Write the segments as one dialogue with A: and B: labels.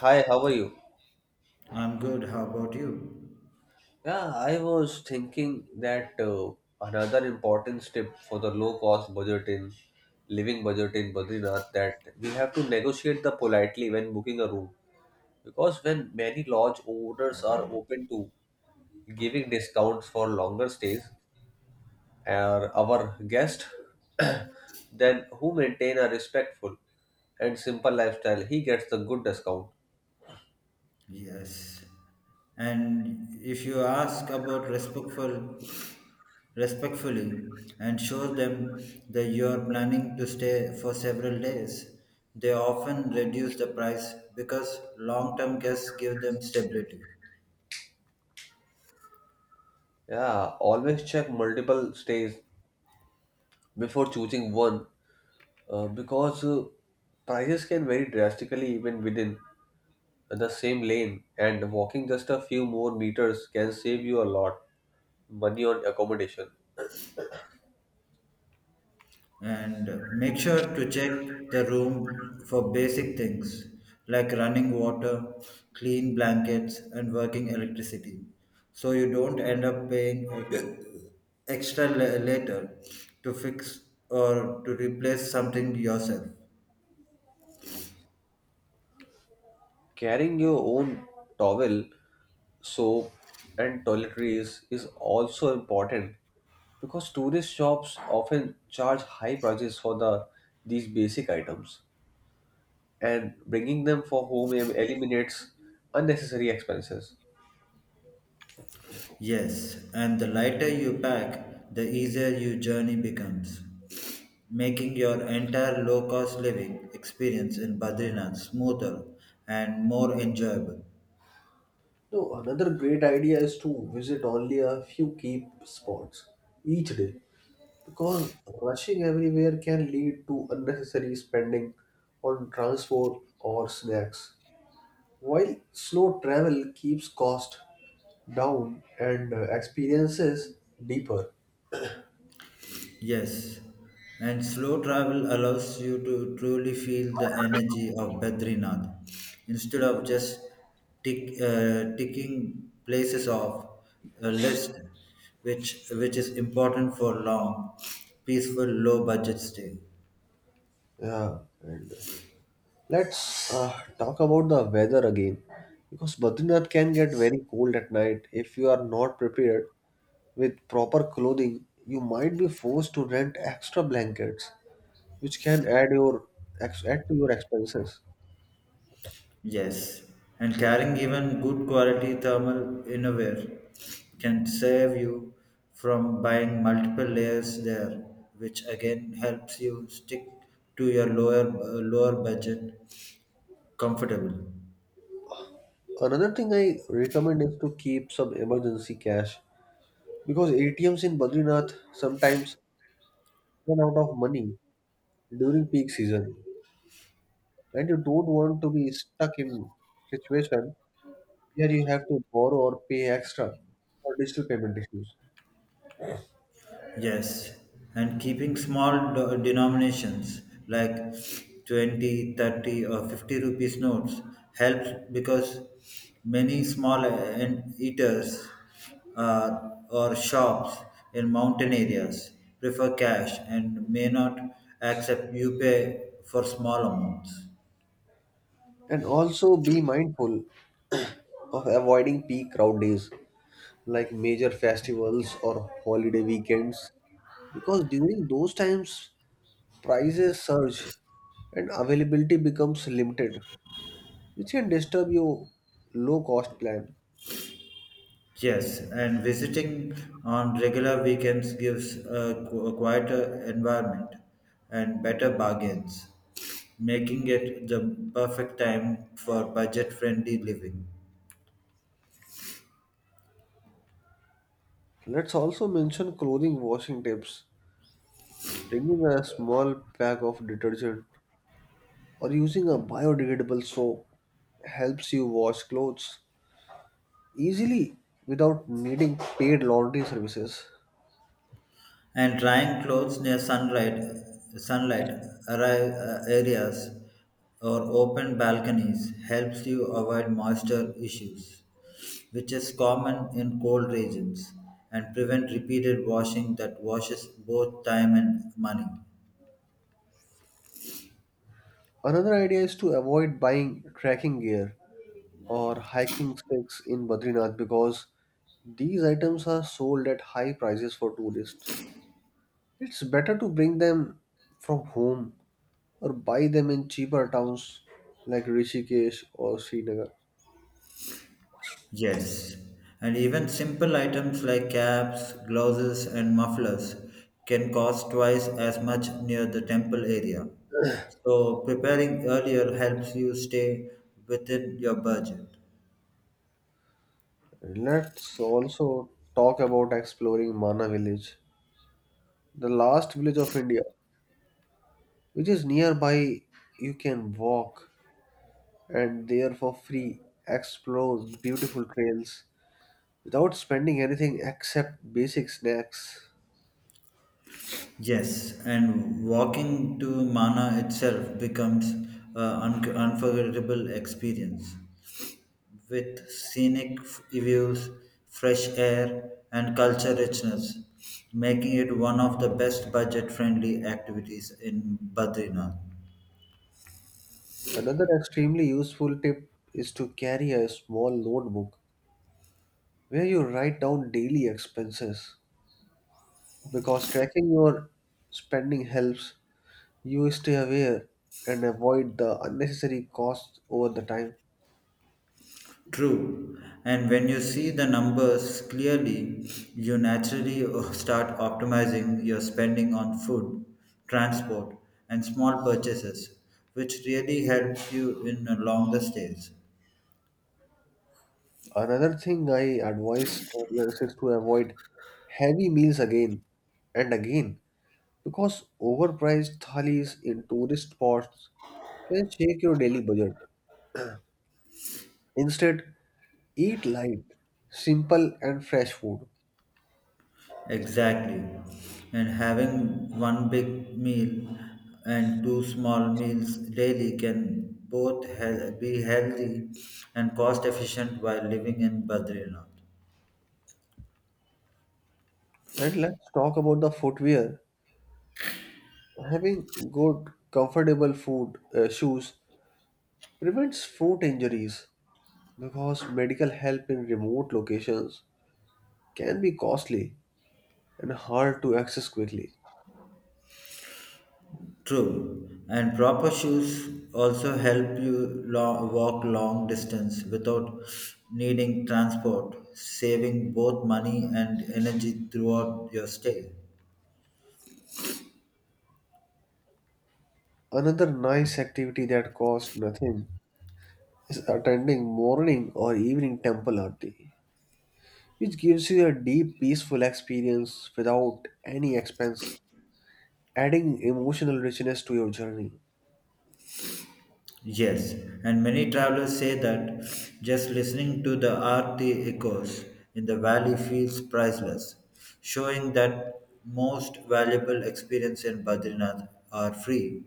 A: Hi, how are you?
B: I'm good. How about you?
A: Yeah, I was thinking that another important step for the low cost budget in living budget in Badrinath that we have to negotiate the politely when booking a room, because when many lodge owners are open to giving discounts for longer stays or our guest then who maintain a respectful and simple lifestyle, he gets the good discount.
B: Yes. And if you ask about respectfully, and show them that you are planning to stay for several days, they often reduce the price because long-term guests give them stability.
A: Yeah, always check multiple stays before choosing one, because prices can vary drastically even within the same lane, and walking just a few more meters can save you a lot money on accommodation.
B: And make sure to check the room for basic things like running water, clean blankets, and working electricity so you don't end up paying extra later to fix or to replace something yourself.
A: Carrying your own towel, soap, and toiletries is also important because tourist shops often charge high prices for the these basic items, and bringing them for home eliminates unnecessary expenses.
B: Yes, and the lighter you pack, the easier your journey becomes, making your entire low cost living experience in Badrinath smoother and more enjoyable.
A: No, another great idea is to visit only a few key spots each day, because rushing everywhere can lead to unnecessary spending on transport or snacks. While slow travel keeps cost down and experiences deeper.
B: Yes, and slow travel allows you to truly feel the energy of Badrinath instead of just ticking places off a list, which is important for long, peaceful, low budget stay.
A: Yeah, and let's talk about the weather again, because Badrinath can get very cold at night if you are not prepared. With proper clothing, you might be forced to rent extra blankets, which can add your add to your expenses.
B: Yes, and carrying even good quality thermal innerwear can save you from buying multiple layers there, which again helps you stick to your lower budget comfortably.
A: Another thing I recommend is to keep some emergency cash because ATMs in Badrinath sometimes run out of money during peak season, and you don't want to be stuck in situation where you have to borrow or pay extra for digital payment issues.
B: Yes, and keeping small denominations like 20, 30, or 50 rupees notes helps because many small and eaters or shops in mountain areas prefer cash and may not accept UPI for small amounts.
A: And also be mindful of avoiding peak crowd days like major festivals or holiday weekends, because during those times prices surge and availability becomes limited, which can disturb your low cost plan.
B: Yes, and visiting on regular weekends gives a quieter environment and better bargains, making it the perfect time for budget-friendly living.
A: Let's also mention clothing washing tips. Bringing a small pack of detergent or using a biodegradable soap helps you wash clothes easily without needing paid laundry services.
B: And drying clothes near sunlight arri- areas or open balconies helps you avoid moisture issues, which is common in cold regions, and prevent repeated washing that washes both time and money.
A: Another idea is to avoid buying trekking gear or hiking sticks in Badrinath because these items are sold at high prices for tourists. It's better to bring them from home or buy them in cheaper towns like Rishikesh or Srinagar.
B: Yes, and even simple items like caps, gloves, and mufflers can cost twice as much near the temple area. So, preparing earlier helps you stay within your budget.
A: Let's also talk about exploring Mana village, the last village of India, which is nearby. You can walk and there for free, explore the beautiful trails without spending anything except basic snacks.
B: Yes, and walking to Mana itself becomes an unforgettable experience, with scenic views, fresh air, and culture richness, making it one of the best budget friendly activities in Badrinath.
A: Another extremely useful tip is to carry a small notebook where you write down daily expenses, because tracking your spending helps you stay aware and avoid the unnecessary costs over the time.
B: True. And when you see the numbers clearly, you naturally start optimizing your spending on food, transport, and small purchases, which really helps you in longer stays.
A: Another thing I advise travelers is to avoid heavy meals again and again, because overpriced thalis in tourist spots can shake your daily budget. Instead, eat light, simple, and fresh food.
B: Exactly. And having one big meal and two small meals daily can be healthy and cost efficient while living in Badrinath.
A: And let's talk about the footwear. Having good, comfortable food shoes prevents foot injuries because medical help in remote locations can be costly and hard to access quickly.
B: True. And proper shoes also help you walk long distance without needing transport, saving both money and energy throughout your stay.
A: Another nice activity that costs nothing is attending morning or evening temple aarti, which gives you a deep, peaceful experience without any expense, adding emotional richness to your journey.
B: Yes, and many travelers say that just listening to the earthy echoes in the valley feels priceless, showing that most valuable experience in Badrinath are free.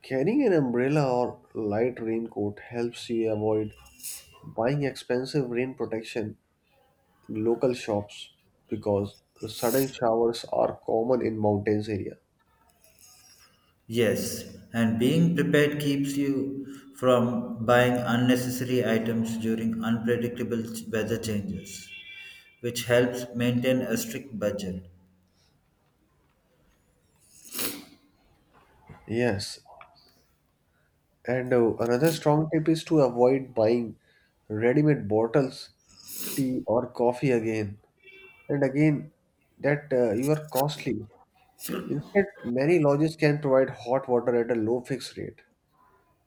A: Carrying an umbrella or light raincoat helps you avoid buying expensive rain protection in local shops because sudden showers are common in mountains area.
B: Yes, and being prepared keeps you from buying unnecessary items during unpredictable weather changes, which helps maintain a strict budget.
A: Yes, and another strong tip is to avoid buying ready-made bottles, tea or coffee again and again that you are costly. Instead, many lodges can provide hot water at a low fixed rate,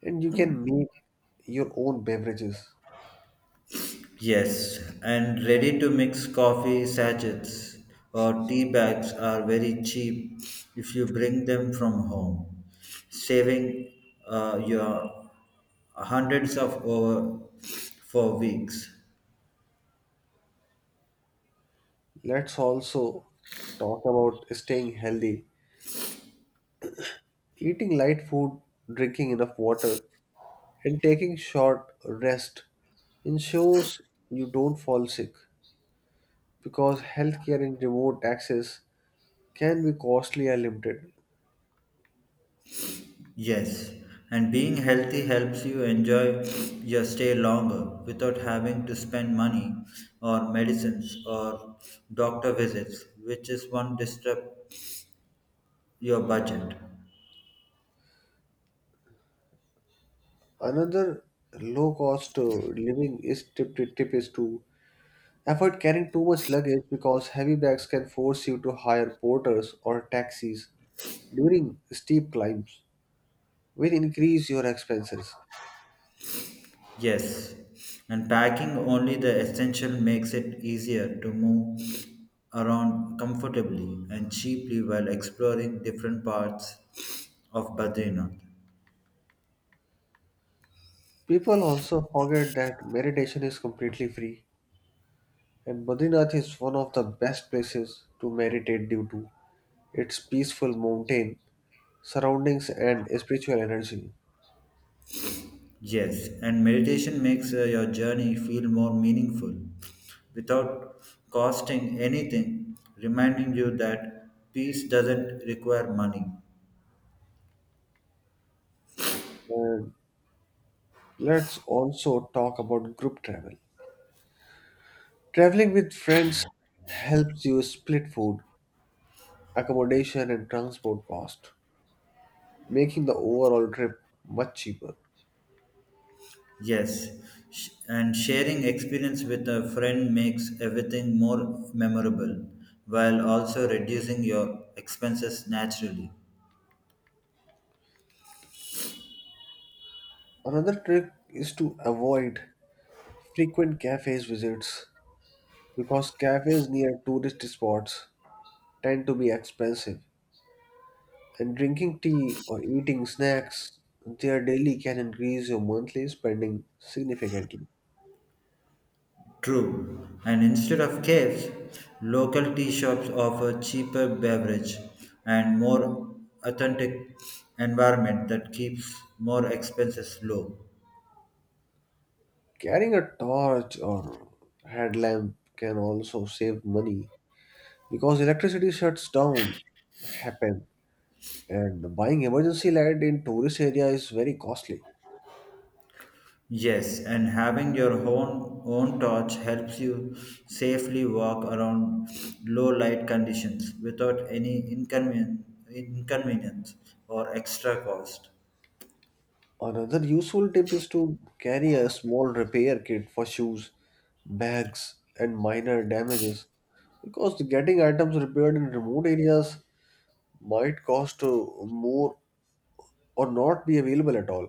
A: and you can make your own beverages.
B: Yes, and ready to mix coffee sachets or tea bags are very cheap if you bring them from home, saving your hundreds of over for weeks.
A: Let's also talk about staying healthy. Eating light food, drinking enough water, and taking short rest ensures you don't fall sick, because healthcare and remote access can be costly and limited.
B: Yes, and being healthy helps you enjoy your stay longer without having to spend money or medicines or doctor visits, which is one disrupt your budget.
A: Another low cost living is tip is to avoid carrying too much luggage, because heavy bags can force you to hire porters or taxis during steep climbs, which increase your expenses.
B: Yes, and packing only the essential makes it easier to move around comfortably and cheaply while exploring different parts of Badrinath.
A: People also forget that meditation is completely free, and Badrinath is one of the best places to meditate due to its peaceful mountain surroundings and spiritual energy.
B: Yes, and meditation makes your journey feel more meaningful without costing anything, reminding you that peace doesn't require money.
A: And let's also talk about group travel. Traveling with friends helps you split food, accommodation, and transport cost, making the overall trip much cheaper.
B: Yes, and sharing experience with a friend makes everything more memorable while also reducing your expenses naturally.
A: Another trick is to avoid frequent cafes visits, because cafes near tourist spots tend to be expensive, and drinking tea or eating snacks there daily can increase your monthly spending significantly.
B: True, and instead of caves, local tea shops offer cheaper beverage and more authentic environment that keeps more expenses low.
A: Carrying a torch or headlamp can also save money because electricity shuts down happen. And buying emergency light in tourist area is very costly.
B: Yes, and having your own torch helps you safely walk around low light conditions without any inconvenience or extra cost.
A: Another useful tip is to carry a small repair kit for shoes, bags, and minor damages, because getting items repaired in remote areas might cost more or not be available at all.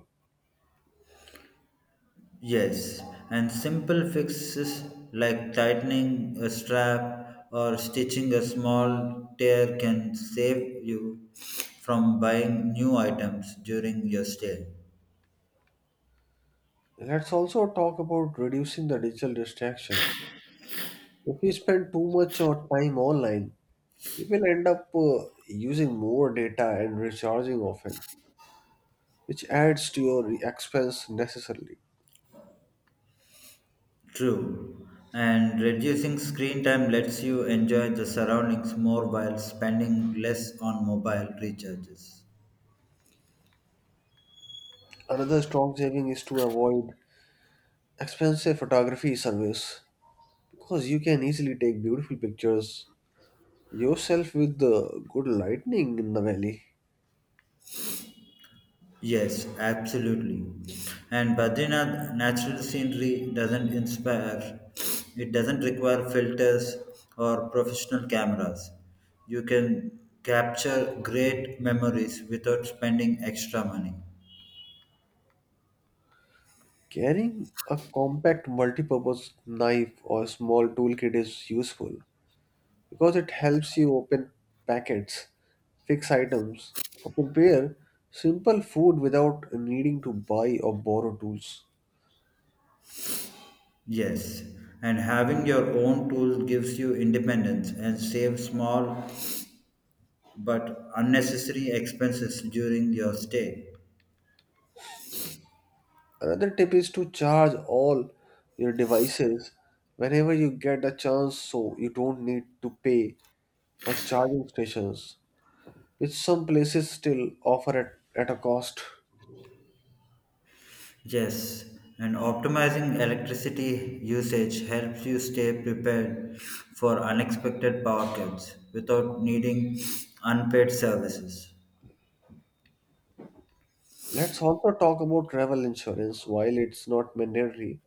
B: Yes, and simple fixes like tightening a strap or stitching a small tear can save you from buying new items during your stay.
A: Let's also talk about reducing the digital distractions. If we spend too much of time online, we will end up using more data and recharging often, which adds to your expense necessarily.
B: True. And reducing screen time lets you enjoy the surroundings more while spending less on mobile recharges.
A: Another strong saving is to avoid expensive photography service, because you can easily take beautiful pictures yourself with the good lighting in the valley.
B: Yes, absolutely. And Badrinath natural scenery doesn't inspire, it doesn't require filters or professional cameras. You can capture great memories without spending extra money.
A: Carrying a compact multi-purpose knife or small toolkit is useful because it helps you open packets, fix items, or prepare simple food without needing to buy or borrow tools.
B: Yes, and having your own tools gives you independence and saves small but unnecessary expenses during your stay.
A: Another tip is to charge all your devices whenever you get a chance, so you don't need to pay for charging stations, which some places still offer at a cost.
B: Yes, and optimizing electricity usage helps you stay prepared for unexpected power cuts without needing unpaid services.
A: Let's also talk about travel insurance. While it's not mandatory,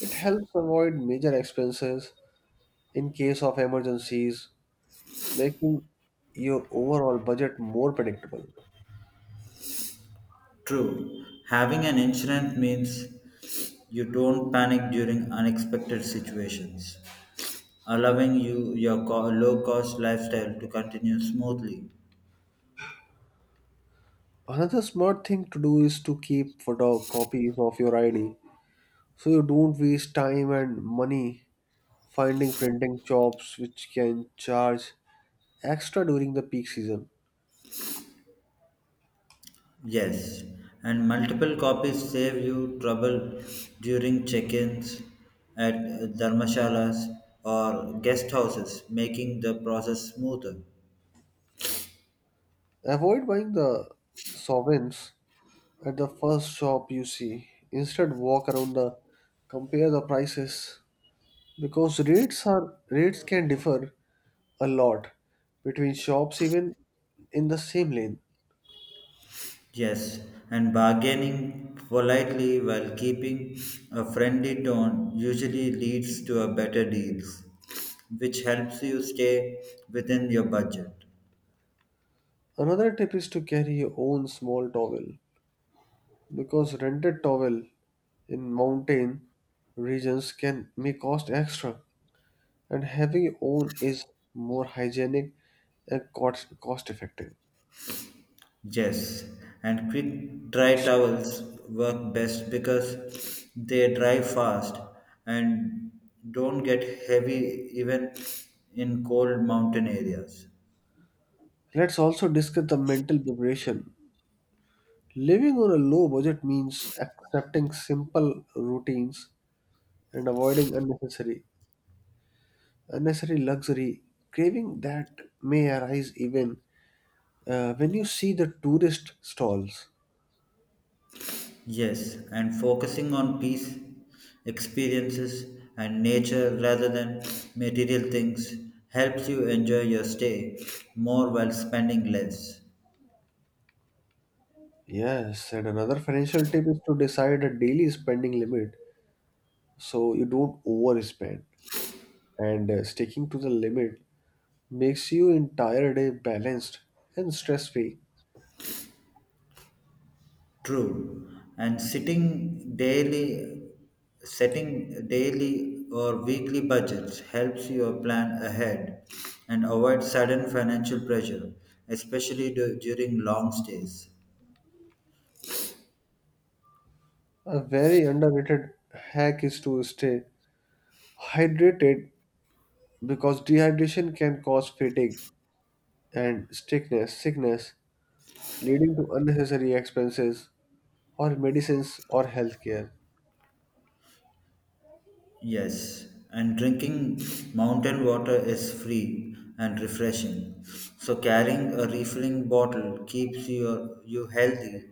A: it helps avoid major expenses in case of emergencies, making your overall budget more predictable.
B: True, having an insurance means you don't panic during unexpected situations, allowing you your low cost lifestyle to continue smoothly.
A: Another smart thing to do is to keep photocopies of your ID, so you don't waste time and money finding printing shops, which can charge extra during the peak season.
B: Yes, and multiple copies save you trouble during check ins at dharmashalas or guest houses, making the process smoother.
A: Avoid buying the sovereigns at the first shop you see. Instead walk around the compare the prices, because rates can differ a lot between shops even in the same lane.
B: Yes, and bargaining politely while keeping a friendly tone usually leads to a better deals, which helps you stay within your budget.
A: Another tip is to carry your own small towel, because rented towel in mountain regions can may cost extra, and having your own is more hygienic and cost effective.
B: Yes, and quick dry towels work best because they dry fast and don't get heavy even in cold mountain areas.
A: Let's also discuss the mental preparation. Living on a low budget means accepting simple routines and avoiding unnecessary luxury craving that may arise even when you see the tourist stalls.
B: Yes, and focusing on peace, experiences, and nature rather than material things helps you enjoy your stay more while spending less.
A: Yes, and another financial tip is to decide a daily spending limit so you don't overspend. And sticking to the limit makes your entire day balanced and stress-free.
B: True. And setting daily or weekly budgets helps you plan ahead and avoid sudden financial pressure, especially during long stays.
A: A very underrated hack is to stay hydrated because dehydration can cause fatigue and sickness, leading to unnecessary expenses or medicines or healthcare.
B: Yes, and drinking mountain water is free and refreshing. So carrying a refilling bottle keeps you healthy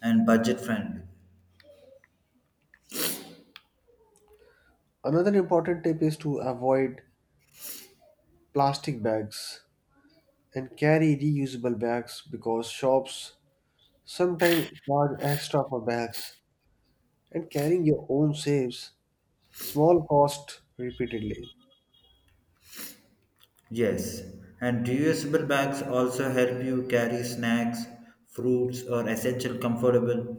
B: and budget friendly.
A: Another important tip is to avoid plastic bags and carry reusable bags, because shops sometimes charge extra for bags, and carrying your own saves small cost repeatedly.
B: Yes, and reusable bags also help you carry snacks, fruits, or essential comfortable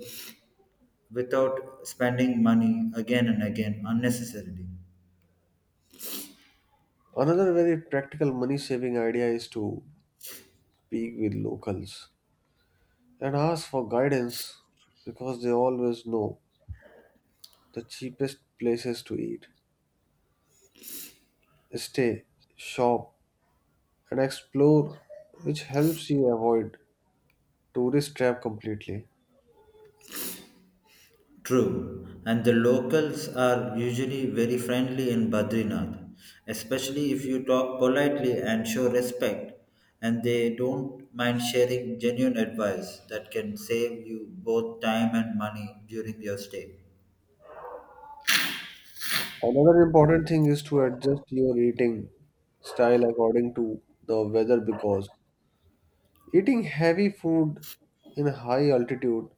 B: without spending money again and again unnecessarily.
A: Another very practical money saving idea is to speak with locals and ask for guidance, because they always know the cheapest places to eat, stay, shop, and explore, which helps you avoid tourist trap completely.
B: True, and the locals are usually very friendly in Badrinath, especially if you talk politely and show respect, and they don't mind sharing genuine advice that can save you both time and money during your stay.
A: Another important thing is to adjust your eating style according to the weather, because eating heavy food in high altitude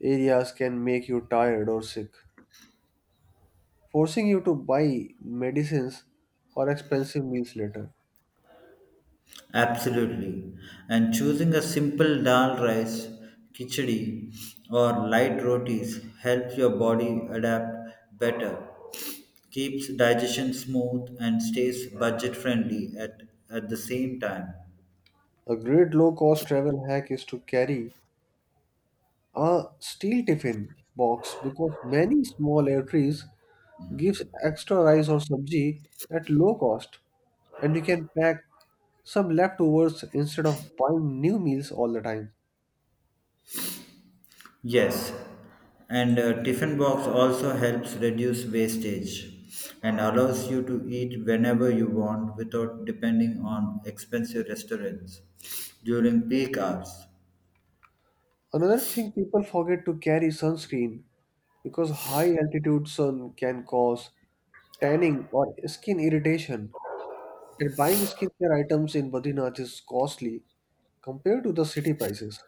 A: areas can make you tired or sick, forcing you to buy medicines or expensive meals later.
B: Absolutely. And choosing a simple dal rice, khichdi, or light rotis helps your body adapt better, keeps digestion smooth, and stays budget friendly at the same time.
A: A great low cost travel hack is to carry a steel tiffin box, because many small airtrays gives extra rice or sabji at low cost, and you can pack some leftovers instead of buying new meals all the time.
B: Yes, and tiffin box also helps reduce wastage and allows you to eat whenever you want without depending on expensive restaurants during peak hours.
A: Another thing people forget to carry sunscreen, because high altitude sun can cause tanning or skin irritation. And buying skincare items in Badrinath is costly compared to the city prices.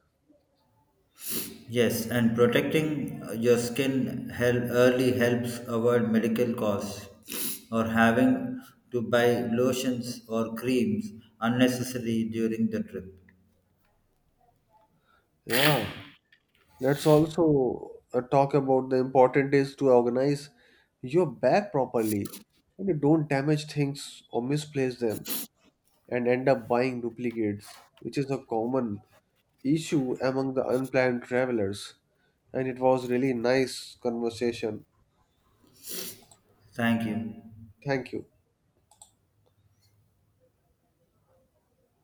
B: Yes, and protecting your skin early helps avoid medical costs or having to buy lotions or creams unnecessarily during the trip.
A: Yeah, let's also talk about the important is to organize your bag properly, and you know, don't damage things or misplace them and end up buying duplicates, which is a common issue among the unplanned travelers. And it was really nice conversation.
B: Thank
A: Okay.
B: you.
A: Thank you.